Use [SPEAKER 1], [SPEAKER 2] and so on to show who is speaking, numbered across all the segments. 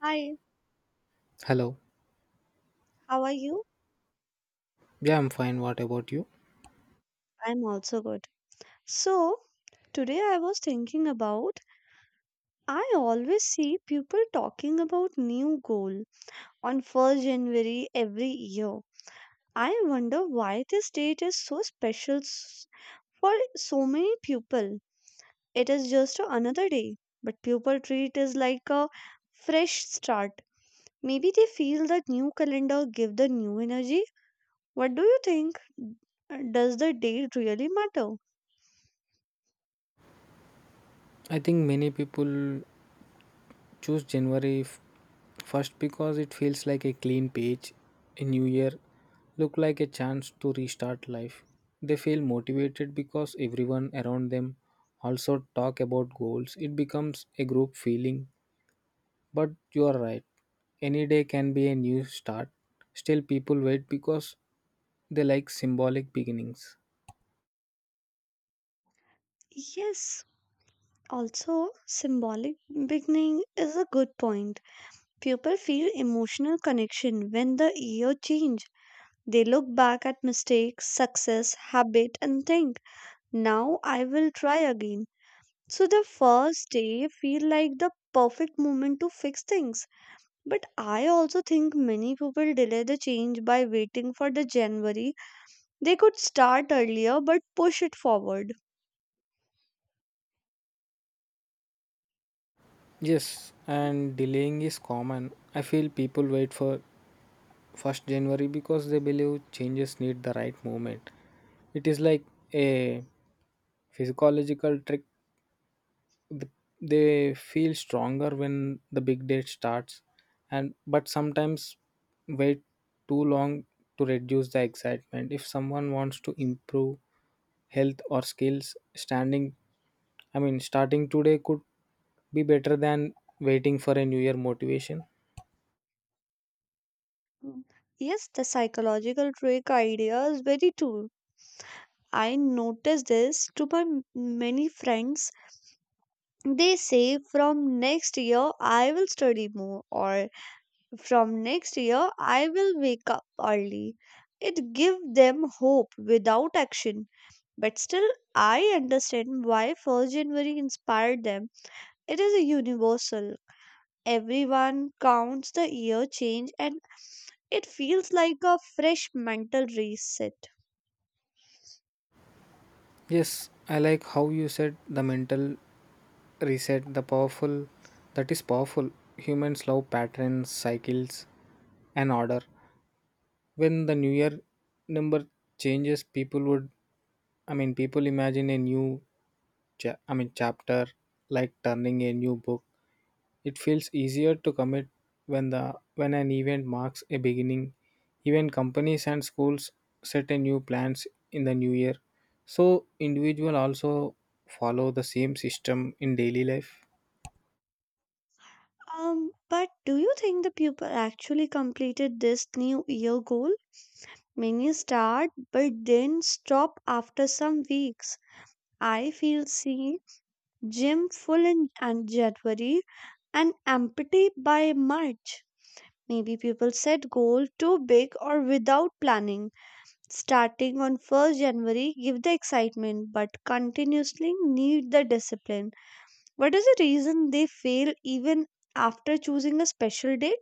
[SPEAKER 1] Hi,
[SPEAKER 2] Hello.
[SPEAKER 1] how are you?
[SPEAKER 2] Yeah, I'm fine. What about you?
[SPEAKER 1] I'm also good. So, today I was thinking about I always see people talking about new goal on 1st January every year. I wonder why this date is so special for so many people. It is just another day, but people treat it like a fresh start. Maybe they feel that new calendar give the new energy. What do you think? Does the date really matter?
[SPEAKER 2] I think many people choose first because it feels like a clean page, a new year, look like a chance to restart life. They feel motivated because everyone around them also talk about goals. It becomes a group feeling. But you are right. Any day can be a new start. Still people wait because they like symbolic beginnings.
[SPEAKER 1] Yes, also, symbolic beginning is a good point. People feel emotional connection when the year change. They look back at mistakes, success, habit and think, now I will try again. So the first day feel like the perfect moment to fix things. But I also think many people delay the change by waiting for the January. They could start earlier but push it forward.
[SPEAKER 2] Yes, and delaying is common. I feel people wait for first January because they believe changes need the right moment. It is like a physiological trick. Th- They feel stronger when the big date starts, and but sometimes wait too long to reduce the excitement. If someone wants to improve health or skills, standing, starting today could be better than waiting for a new year motivation.
[SPEAKER 1] Mm. Yes, the psychological trick idea is very true. I noticed this to my many friends. They say from next year I will study more or from next year I will wake up early. It gives them hope without action. But still I understand why 1st January inspired them. It is a universal. Everyone counts the year change and it feels like a fresh mental reset.
[SPEAKER 2] Yes, I like how you said the mental reset the powerful that is powerful. Humans love patterns, cycles, and order. When the new year number changes, people imagine a new chapter, like turning a new book. It feels easier to commit when the when an event marks a beginning. Even companies and schools set a new plans in the new year, so individual also follow the same system in daily life.
[SPEAKER 1] But do you think the people actually completed this new year goal? Many start but then stop after some weeks. I feel see gym full in and January and empty by March. Maybe people set goal too big or without planning. Starting on 1st January give the excitement but continuously need the discipline. What is the reason they fail even after choosing a special day?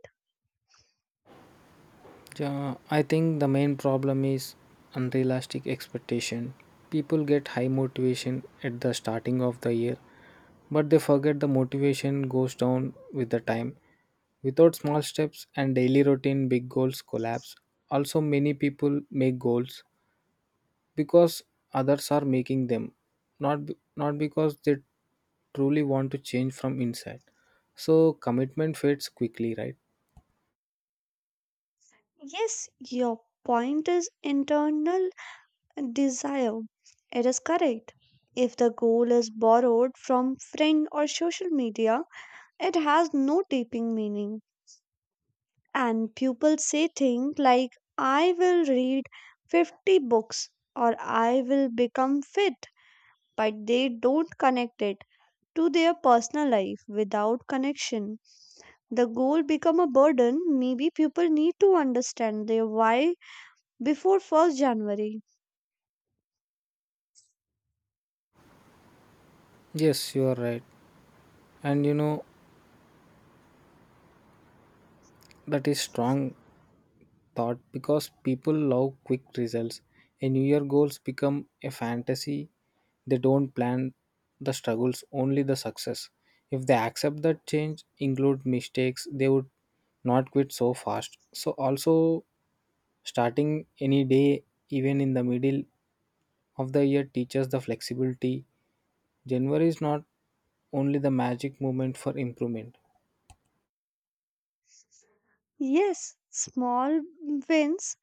[SPEAKER 2] Yeah, I think the main problem is unrealistic expectation. People get high motivation at the starting of the year, but they forget the motivation goes down with the time. Without small steps and daily routine, big goals collapse. Also, many people make goals because others are making them, not because they truly want to change from inside. So commitment fades quickly, right?
[SPEAKER 1] Yes, your point is internal desire. It is correct. If the goal is borrowed from friend or social media, it has no deeping meaning. And people say things like, I will read 50 books or I will become fit, but they don't connect it to their personal life without connection. The goal become a burden. Maybe people need to understand their why before 1st January.
[SPEAKER 2] Yes, you are right. And you know, that is strong thought because people love quick results. A New Year goals become a fantasy. They don't plan the struggles, only the success. If they accept that change, include mistakes, they would not quit so fast. So also starting any day, even in the middle of the year, teaches the flexibility. January is not only the magic moment for improvement.
[SPEAKER 1] Yes, small wins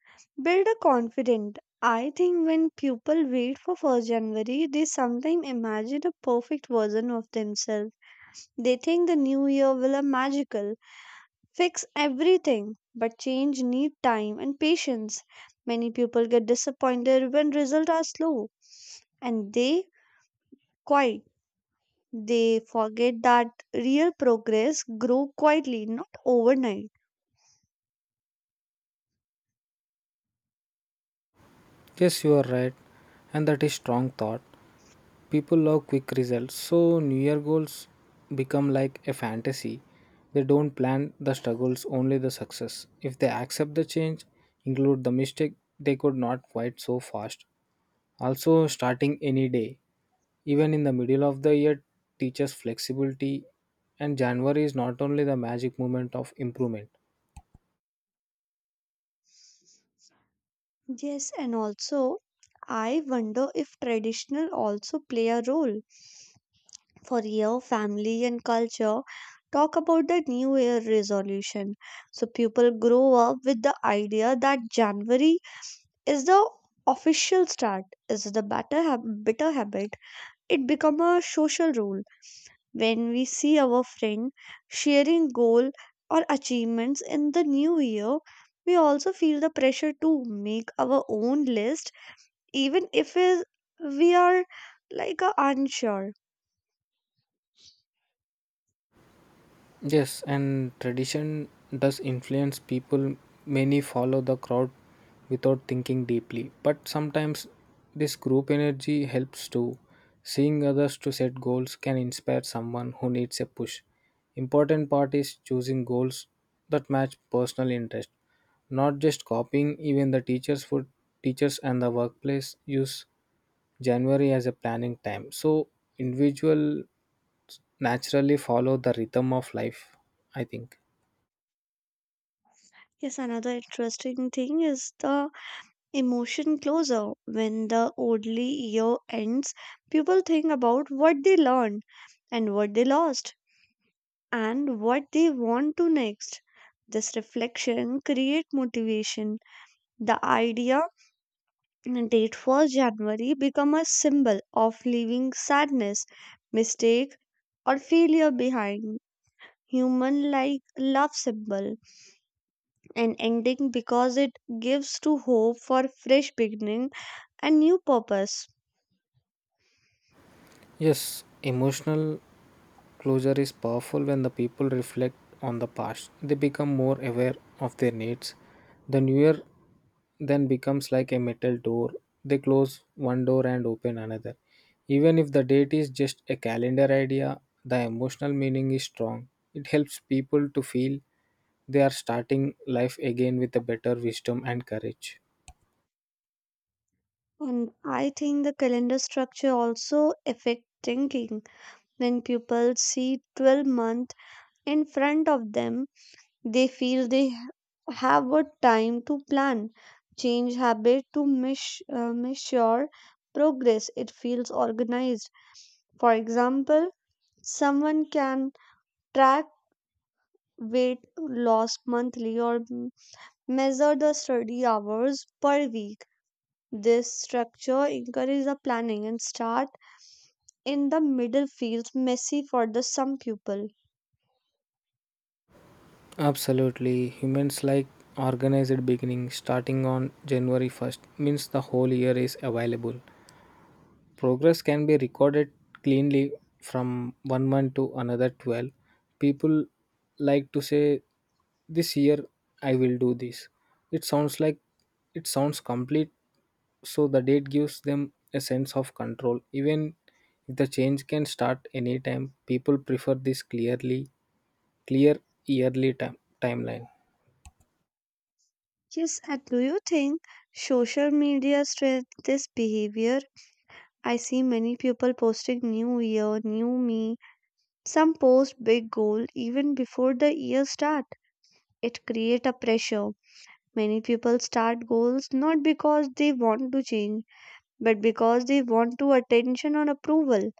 [SPEAKER 1] build a confidence. I think when people wait for 1st January, they sometimes imagine a perfect version of themselves. They think the new year will a magical, fix everything, but change need time and patience. Many people get disappointed when results are slow and they quite. They forget that real progress grow quietly, not overnight.
[SPEAKER 2] Yes, you are right, and that is strong thought. People love quick results, so new year goals become like a fantasy. They don't plan the struggles, only the success. If they accept the change, include the mistake, they could not quite so fast. Also starting any day, even in the middle of the year, teaches flexibility. And January is not only the magic moment of improvement.
[SPEAKER 1] Yes, and also I wonder if traditional also play a role. For your family and culture, talk about the New Year resolution. So people grow up with the idea that January is the official start, is the better bitter habit. It become a social rule when we see our friend sharing goal or achievements in the new year. We also feel the pressure to make our own list even if we are like unsure.
[SPEAKER 2] Yes, and tradition does influence people. Many follow the crowd without thinking deeply, but sometimes this group energy helps too. Seeing others to set goals can inspire someone who needs a push. Important part is choosing goals that match personal interest, not just copying. Even the teachers for teachers and the workplace use January as a planning time, so individual naturally follow the rhythm of life, I think.
[SPEAKER 1] Yes, another interesting thing is the emotion closure. When the Oddly year ends, people think about what they learned and what they lost and what they want to next. This reflection create motivation. The idea and date for January become a symbol of leaving sadness, mistake, or failure behind. Human like love symbol and ending because it gives to hope for fresh beginning and new purpose.
[SPEAKER 2] Yes, emotional closure is powerful when the people reflect on the past. They become more aware of their needs. The new year then becomes like a metal door. They close one door and open another. Even if the date is just a calendar idea, the emotional meaning is strong. It helps people to feel they are starting life again with a better wisdom and courage.
[SPEAKER 1] And I think the calendar structure also affect thinking. When people see 12 month in front of them, they feel they have a time to plan, change habit to measure progress. It feels organized. For example, someone can track weight loss monthly or measure the study hours per week. This structure encourages the planning and start in the middle field, messy for the some people.
[SPEAKER 2] Absolutely. Humans like organized beginning. Starting on January 1st means the whole year is available. Progress can be recorded cleanly from one month to another 12. People like to say, this year I will do this. It sounds like it sounds complete, so the date gives them a sense of control. Even if the change can start anytime, people prefer this clear yearly timeline.
[SPEAKER 1] Yes, and do you think social media strengthens this behavior? I see many people posting new year, new me. Some post big goal even before the year start. It create a pressure. Many people start goals not because they want to change, but because they want to attention or approval.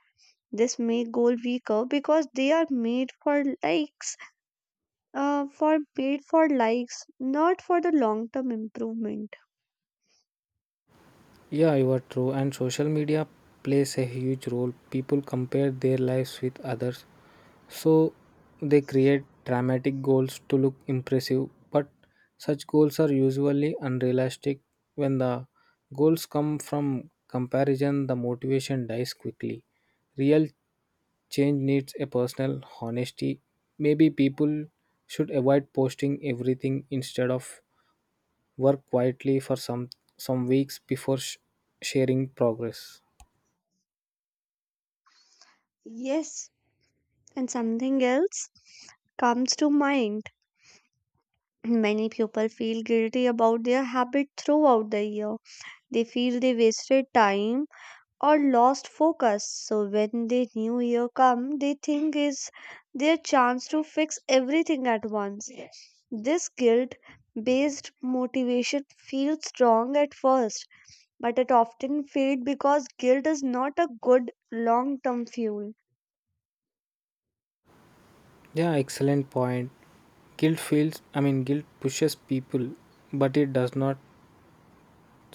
[SPEAKER 1] This make goal weaker because they are made for likes, not for the long term improvement.
[SPEAKER 2] Yeah, you are true. And social media plays a huge role. People compare their lives with others, so they create dramatic goals to look impressive. But such goals are usually unrealistic. When the goals come from comparison, the motivation dies quickly. Real change needs a personal honesty. Maybe people should avoid posting everything instead of work quietly for some weeks before sharing progress.
[SPEAKER 1] Yes, and something else comes to mind. Many people feel guilty about their habit throughout the year. They feel they wasted time or lost focus. So when the new year come, they think is their chance to fix everything at once. This guilt based motivation feels strong at first, but it often fades because guilt is not a good long term fuel.
[SPEAKER 2] Yeah, excellent point. Guilt feels i mean guilt pushes people, but it does not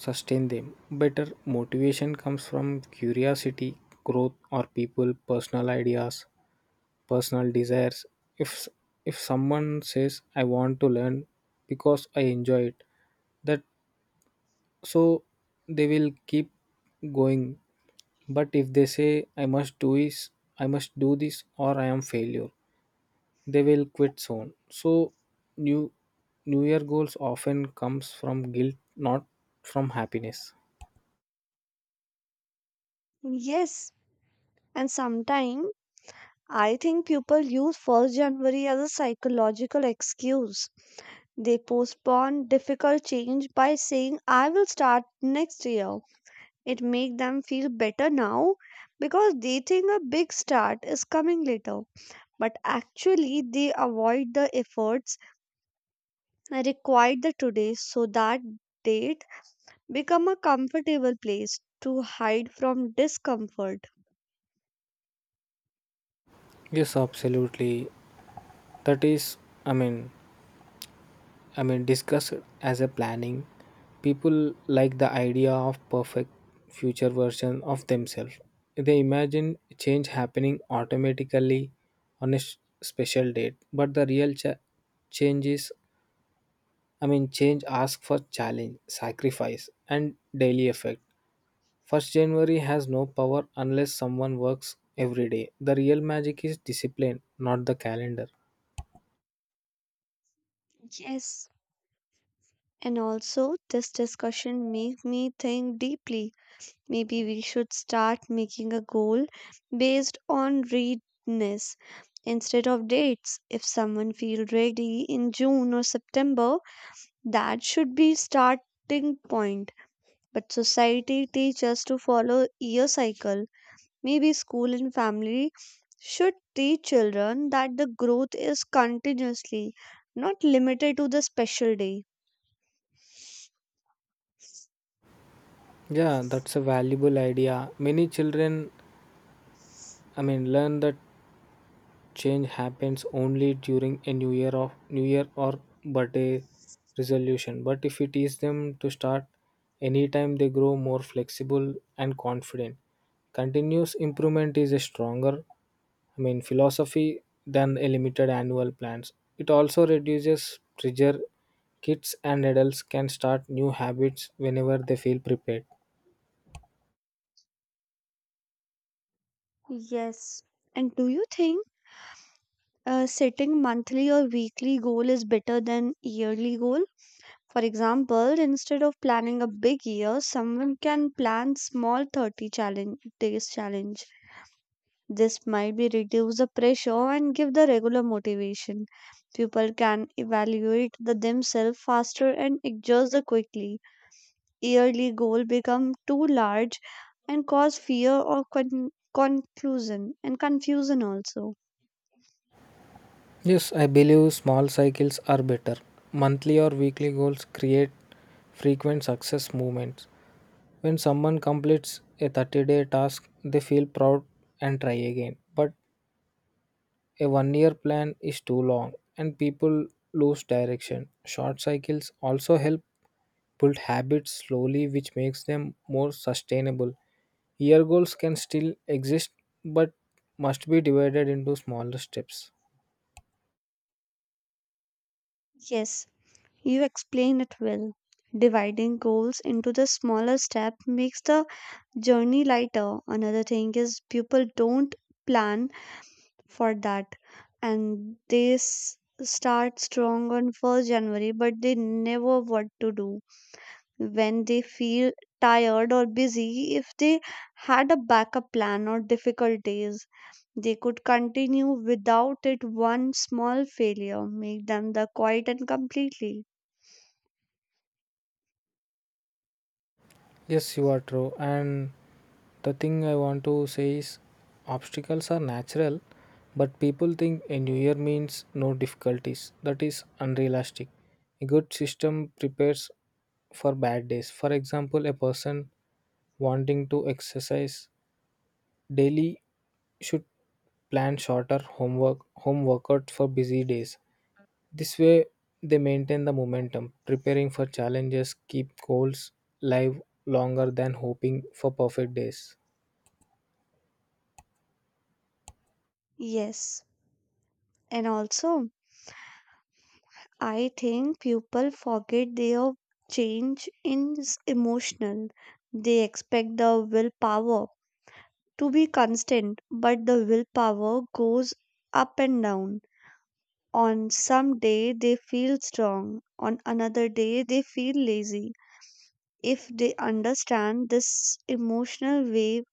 [SPEAKER 2] sustain them. Better motivation comes from curiosity, growth, or people personal ideas personal desires. If s- if someone says, I want to learn because I enjoy it, that, so they will keep going. But if they say, I must do this, or I am failure, they will quit soon. So new new year goals often comes from guilt, not from happiness.
[SPEAKER 1] Yes, and sometimes I think people use 1st January as a psychological excuse. They postpone difficult change by saying, I will start next year. It make them feel better now because they think a big start is coming later. But actually they avoid the efforts required the today so that date become a comfortable place to hide from discomfort.
[SPEAKER 2] Yes, absolutely. That is, I mean I mean, discussed as a planning. People like the idea of perfect future version of themselves. They imagine change happening automatically on a special date, but the real change is. I mean, change asks for challenge, sacrifice, and daily effect. First January has no power unless someone works every day. The real magic is discipline, not the calendar.
[SPEAKER 1] Yes. And also this discussion make me think deeply. Maybe we should start making a goal based on readiness instead of dates. If someone feels ready in June or September, that should be starting point. But society teaches us to follow year cycle. Maybe school and family should teach children that the growth is continuously, not limited to the special day.
[SPEAKER 2] Yeah, that's a valuable idea. Many children, I mean, learn that change happens only during a new year of new year or birthday resolution. But if we teach them to start anytime, they grow more flexible and confident. Continuous improvement is a stronger, I mean, philosophy than a limited annual plans. It also reduces pressure. Kids and adults can start new habits whenever they feel prepared.
[SPEAKER 1] Yes, and do you think setting monthly or weekly goal is better than yearly goal? For example, instead of planning a big year, someone can plan small 30 challenge days challenge. This might be reduce the pressure and give the regular motivation. People can evaluate the themselves faster and adjust the quickly. Yearly goal become too large and cause fear or conclusion and confusion also.
[SPEAKER 2] Yes, I believe small cycles are better. Monthly or weekly goals create frequent success movements. When someone completes a 30-day task, they feel proud and try again. But a one year plan is too long and people lose direction. Short cycles also help build habits slowly, which makes them more sustainable. Year goals can still exist, but must be divided into smaller steps.
[SPEAKER 1] Yes, you explain it well. Dividing goals into the smaller step makes the journey lighter. Another thing is people don't plan for that, and they start strong on 1st January, but they never what to do when they feel tired or busy. If they had a backup plan or difficult days, they could continue without it. One small failure make them the quiet and completely.
[SPEAKER 2] Yes, you are true. And the thing I want to say is obstacles are natural, but people think a new year means no difficulties. That is unrealistic. A good system prepares for bad days. For example, a person wanting to exercise daily should plan shorter home workouts for busy days. This way they maintain the momentum, preparing for challenges, keep goals live longer than hoping for perfect days.
[SPEAKER 1] Yes, and also, I think people forget their change is emotional. They expect the willpower to be constant, but the willpower goes up and down. On some day they feel strong, on another day they feel lazy. If they understand this emotional wave,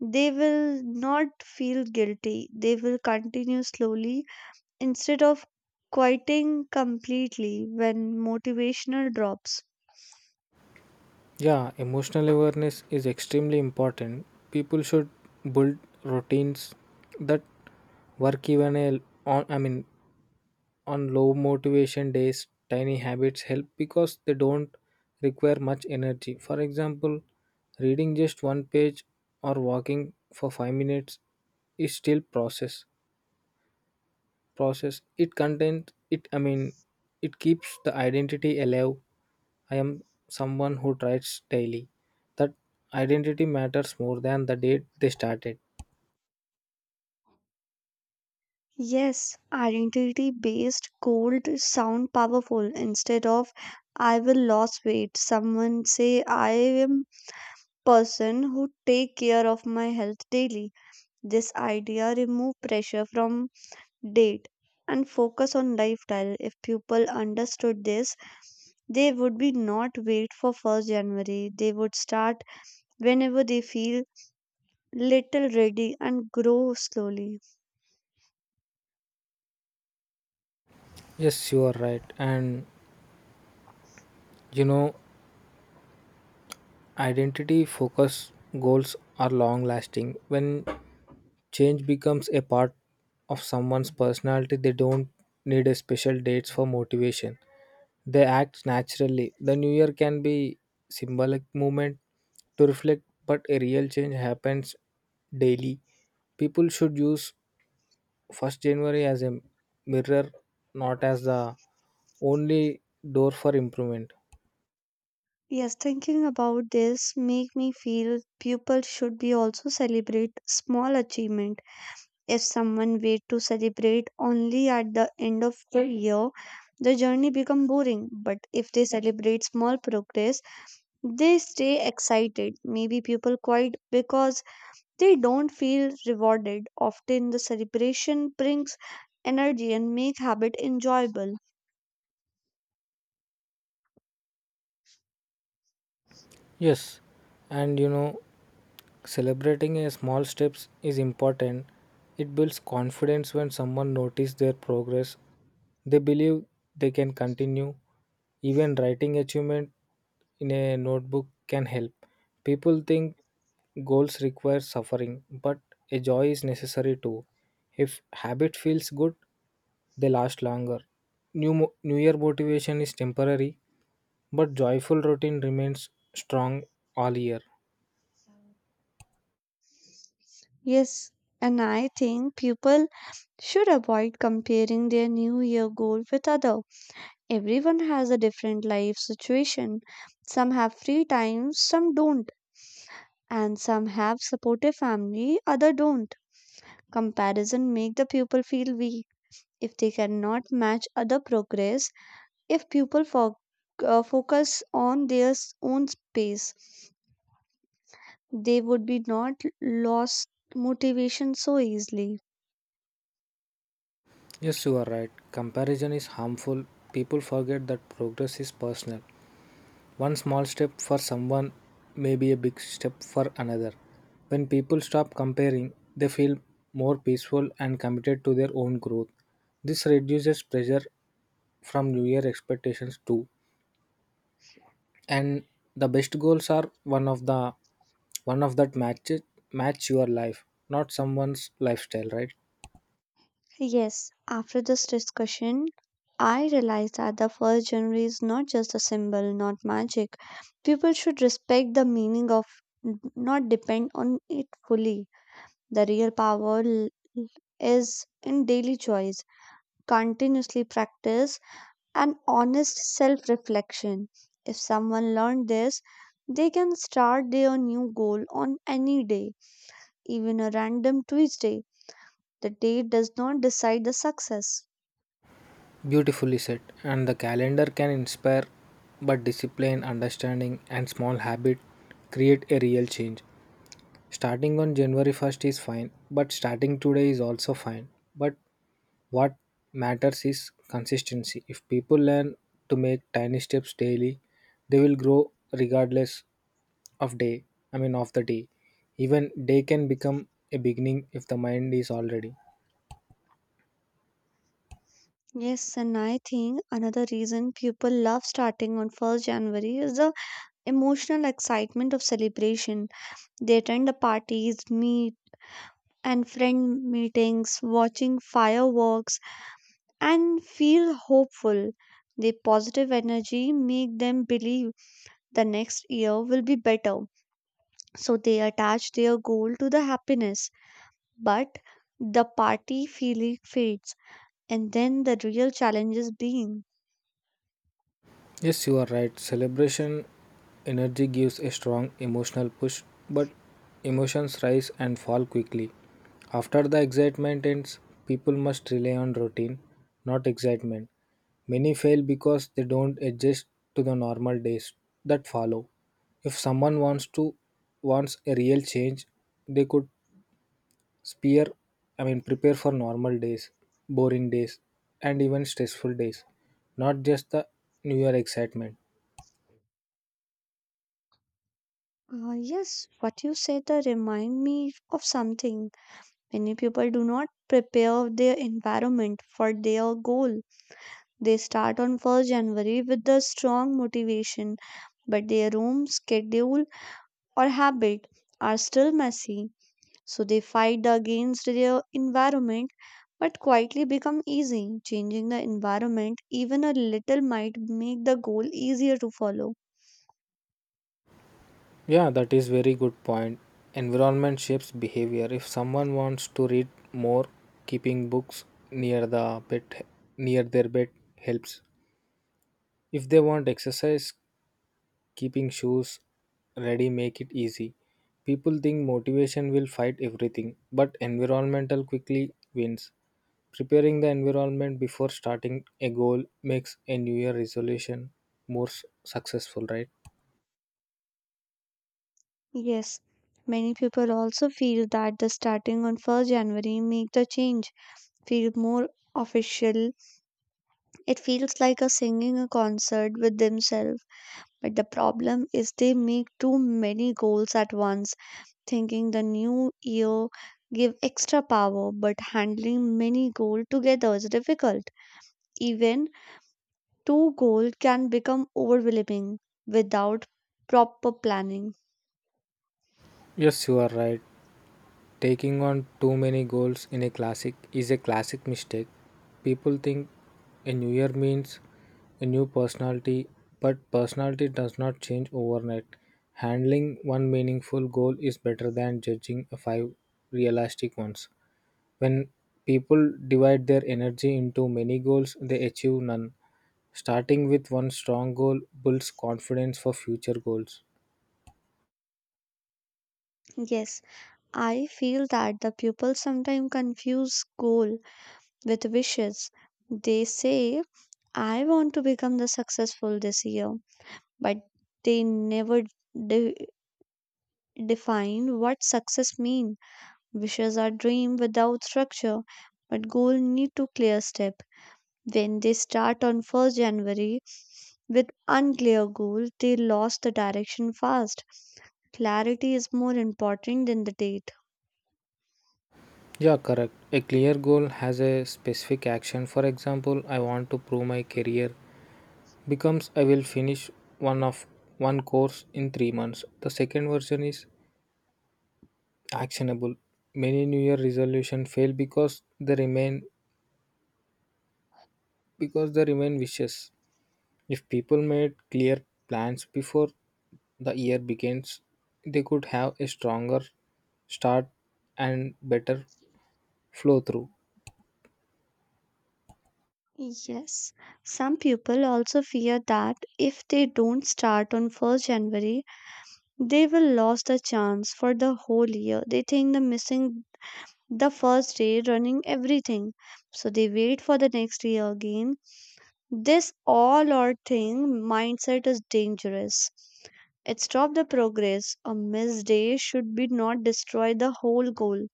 [SPEAKER 1] they will not feel guilty. They will continue slowly instead of quieting completely when motivational drops.
[SPEAKER 2] Yeah, emotional awareness is extremely important. People should build routines that work even a on I mean on low motivation days. Tiny habits help because they don't require much energy. For example, reading just one page or walking for 5 minutes is still process. Process It it keeps the identity alive. I am someone who tries daily. That identity matters more than the date they started.
[SPEAKER 1] Yes, identity based gold sound powerful instead of I will lose weight. Someone say I am person who take care of my health daily. This idea remove pressure from date and focus on lifestyle. If people understood this, they would be not wait for 1st January. They would start whenever they feel little ready and grow slowly.
[SPEAKER 2] Yes, you are right. And you know, identity focused goals are long lasting. When change becomes a part of someone's personality, they don't need a special dates for motivation. They act naturally. The new year can be symbolic moment to reflect, but a real change happens daily. People should use 1st January as a mirror, not as the only door for improvement.
[SPEAKER 1] Yes, thinking about this make me feel people should be also celebrate small achievement. If someone wait to celebrate only at the end of the year, the journey become boring. But if they celebrate small progress, they stay excited. Maybe people quite because they don't feel rewarded. Often the celebration brings energy and make habit enjoyable.
[SPEAKER 2] Yes, and you know, celebrating a small steps is important. It builds confidence when someone notices their progress. They believe they can continue. Even writing achievement in a notebook can help. People think goals require suffering, but a joy is necessary too. If habit feels good, they last longer. New year motivation is temporary, but joyful routine remains strong all year.
[SPEAKER 1] Yes, and I think people should avoid comparing their new year goal with other. Everyone has a different life situation. Some have free time, some don't, and some have supportive family, other don't. Comparison make the people feel weak if they cannot match other progress, if people focus on their own space, they would be not lost motivation so easily.
[SPEAKER 2] Yes, you are right. Comparison is harmful. People forget that progress is personal. One small step for someone may be a big step for another. When people stop comparing, they feel more peaceful and committed to their own growth. This reduces pressure from new year expectations too. And the best goals are one of that match your life, not someone's lifestyle, right?
[SPEAKER 1] Yes, after this discussion, I realized that the first January is not just a symbol, not magic. People should respect the meaning of, not depend on it fully. The real power is in daily choice, continuously practice, and honest self reflection. If someone learned this, they can start their new goal on any day, even a random Tuesday. The day does not decide the success.
[SPEAKER 2] Beautifully said, and the calendar can inspire, but discipline, understanding, and small habit create a real change. Starting on January 1st is fine, but starting today is also fine. But what matters is consistency. If people learn to make tiny steps daily, they will grow regardless of day of the day. Even day can become a beginning if the mind is already.
[SPEAKER 1] Yes, and I think another reason people love starting on 1st January is the emotional excitement of celebration. They attend the parties, meet and friend meetings, watching fireworks, and feel hopeful. The positive energy make them believe the next year will be better. So they attach their goal to the happiness. But the party feeling fades, and then the real challenge is being.
[SPEAKER 2] Yes, you are right. Celebration energy gives a strong emotional push, but emotions rise and fall quickly. After the excitement ends, people must rely on routine, not excitement. Many fail because they don't adjust to the normal days that follow. If someone wants a real change, they could spear I mean prepare for normal days, boring days, and even stressful days, not just the new year excitement.
[SPEAKER 1] Yes, what you said, remind me of something. Many people do not prepare their environment for their goal. They start on 1st January with the strong motivation, but their room, schedule, or habit are still messy. So they fight against their environment, but quietly become easy. Changing the environment, even a little, might make the goal easier to follow.
[SPEAKER 2] Yeah, that is very good point. Environment shapes behavior. If someone wants to read more, keeping books near the bed near their bed helps. If they want exercise, keeping shoes ready make it easy. People think motivation will fight everything, but environmental quickly wins. Preparing the environment before starting a goal makes a new year resolution more successful, right?
[SPEAKER 1] Yes, many people also feel that the starting on 1st January make the change feel more official. It feels like a singing a concert with themselves. But the problem is they make too many goals at once, thinking the new year give extra power, but handling many goals together is difficult. Even two goals can become overwhelming without proper planning.
[SPEAKER 2] Yes, you are right. Taking on too many goals in a classic is a classic mistake. People think a new year means a new personality, but personality does not change overnight. Handling one meaningful goal is better than judging five realistic ones. When people divide their energy into many goals, they achieve none. Starting with one strong goal builds confidence for future goals.
[SPEAKER 1] Yes. I feel that the pupils sometimes confuse goal with wishes. They say, I want to become the successful this year, but they never de- define what success means. Wishes are dream without structure, but goal need to clear step. When they start on 1st January with unclear goal, they lost the direction fast. Clarity is more important than the date.
[SPEAKER 2] Yeah, correct. A clear goal has a specific action. For example, I want to prove my career becomes I will finish one of one course in 3 months. The second version is actionable. Many new year resolution fail because they remain wishes. If people made clear plans before the year begins, they could have a stronger start and better flow through.
[SPEAKER 1] Yes, some people also fear that if they don't start on 1st January, they will lose the chance for the whole year. They think the missing the first day running everything. So they wait for the next year again. This all or thing mindset is dangerous. It stops the progress. A missed day should be not destroy the whole goal.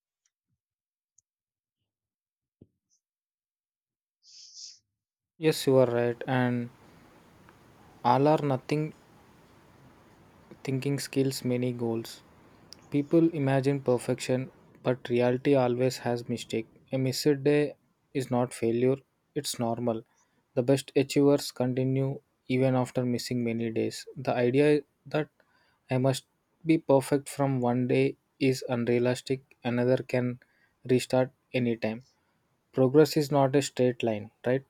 [SPEAKER 2] Yes, you are right. And all or nothing thinking skills many goals. People imagine perfection, but reality always has mistake. A missed day is not failure, it's normal. The best achievers continue even after missing many days. The idea that I must be perfect from one day is unrealistic. Another can restart anytime. Progress is not a straight line, right?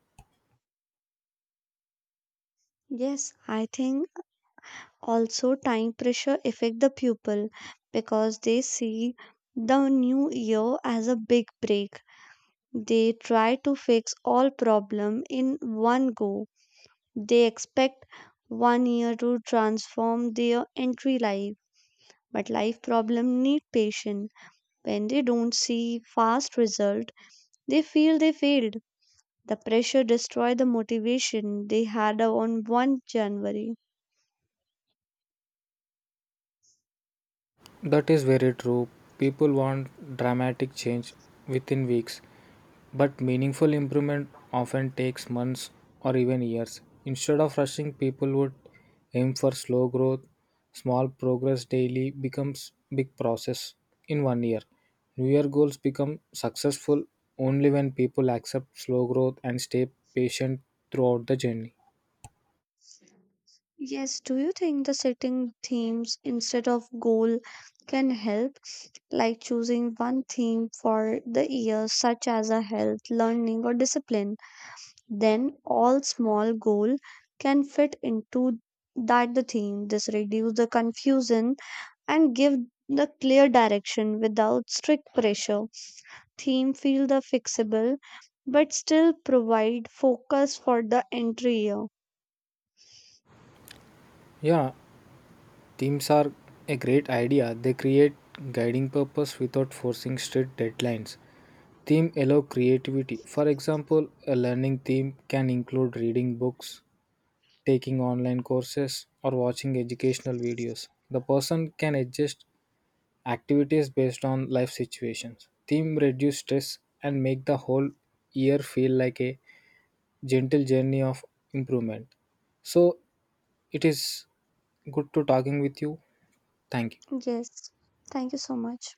[SPEAKER 1] Yes, I think also time pressure affect the pupil because they see the new year as a big break. They try to fix all problem in one go. They expect one year to transform their entry life, but life problem need patience. When they don't see fast result, they feel they failed. The pressure destroy the motivation they had on 1 January.
[SPEAKER 2] That is very true. People want dramatic change within weeks, but meaningful improvement often takes months or even years. Instead of rushing, people would aim for slow growth. Small progress daily becomes big process in one year. New year goals become successful only when people accept slow growth and stay patient throughout the journey.
[SPEAKER 1] Yes, do you think the setting themes instead of goal can help, like choosing one theme for the year, such as a health, learning, or discipline? Then all small goal can fit into that the theme. This reduce the confusion and give the clear direction without strict pressure. Theme feel the fixable, but still provide focus for the entry year.
[SPEAKER 2] Yeah, teams are a great idea. They create guiding purpose without forcing strict deadlines. Theme allow creativity. For example, a learning theme can include reading books, taking online courses, or watching educational videos. The person can adjust activities based on life situations. Theme reduce stress and make the whole year feel like a gentle journey of improvement. So it is good to talking with you. Thank you.
[SPEAKER 1] Yes, thank you so much.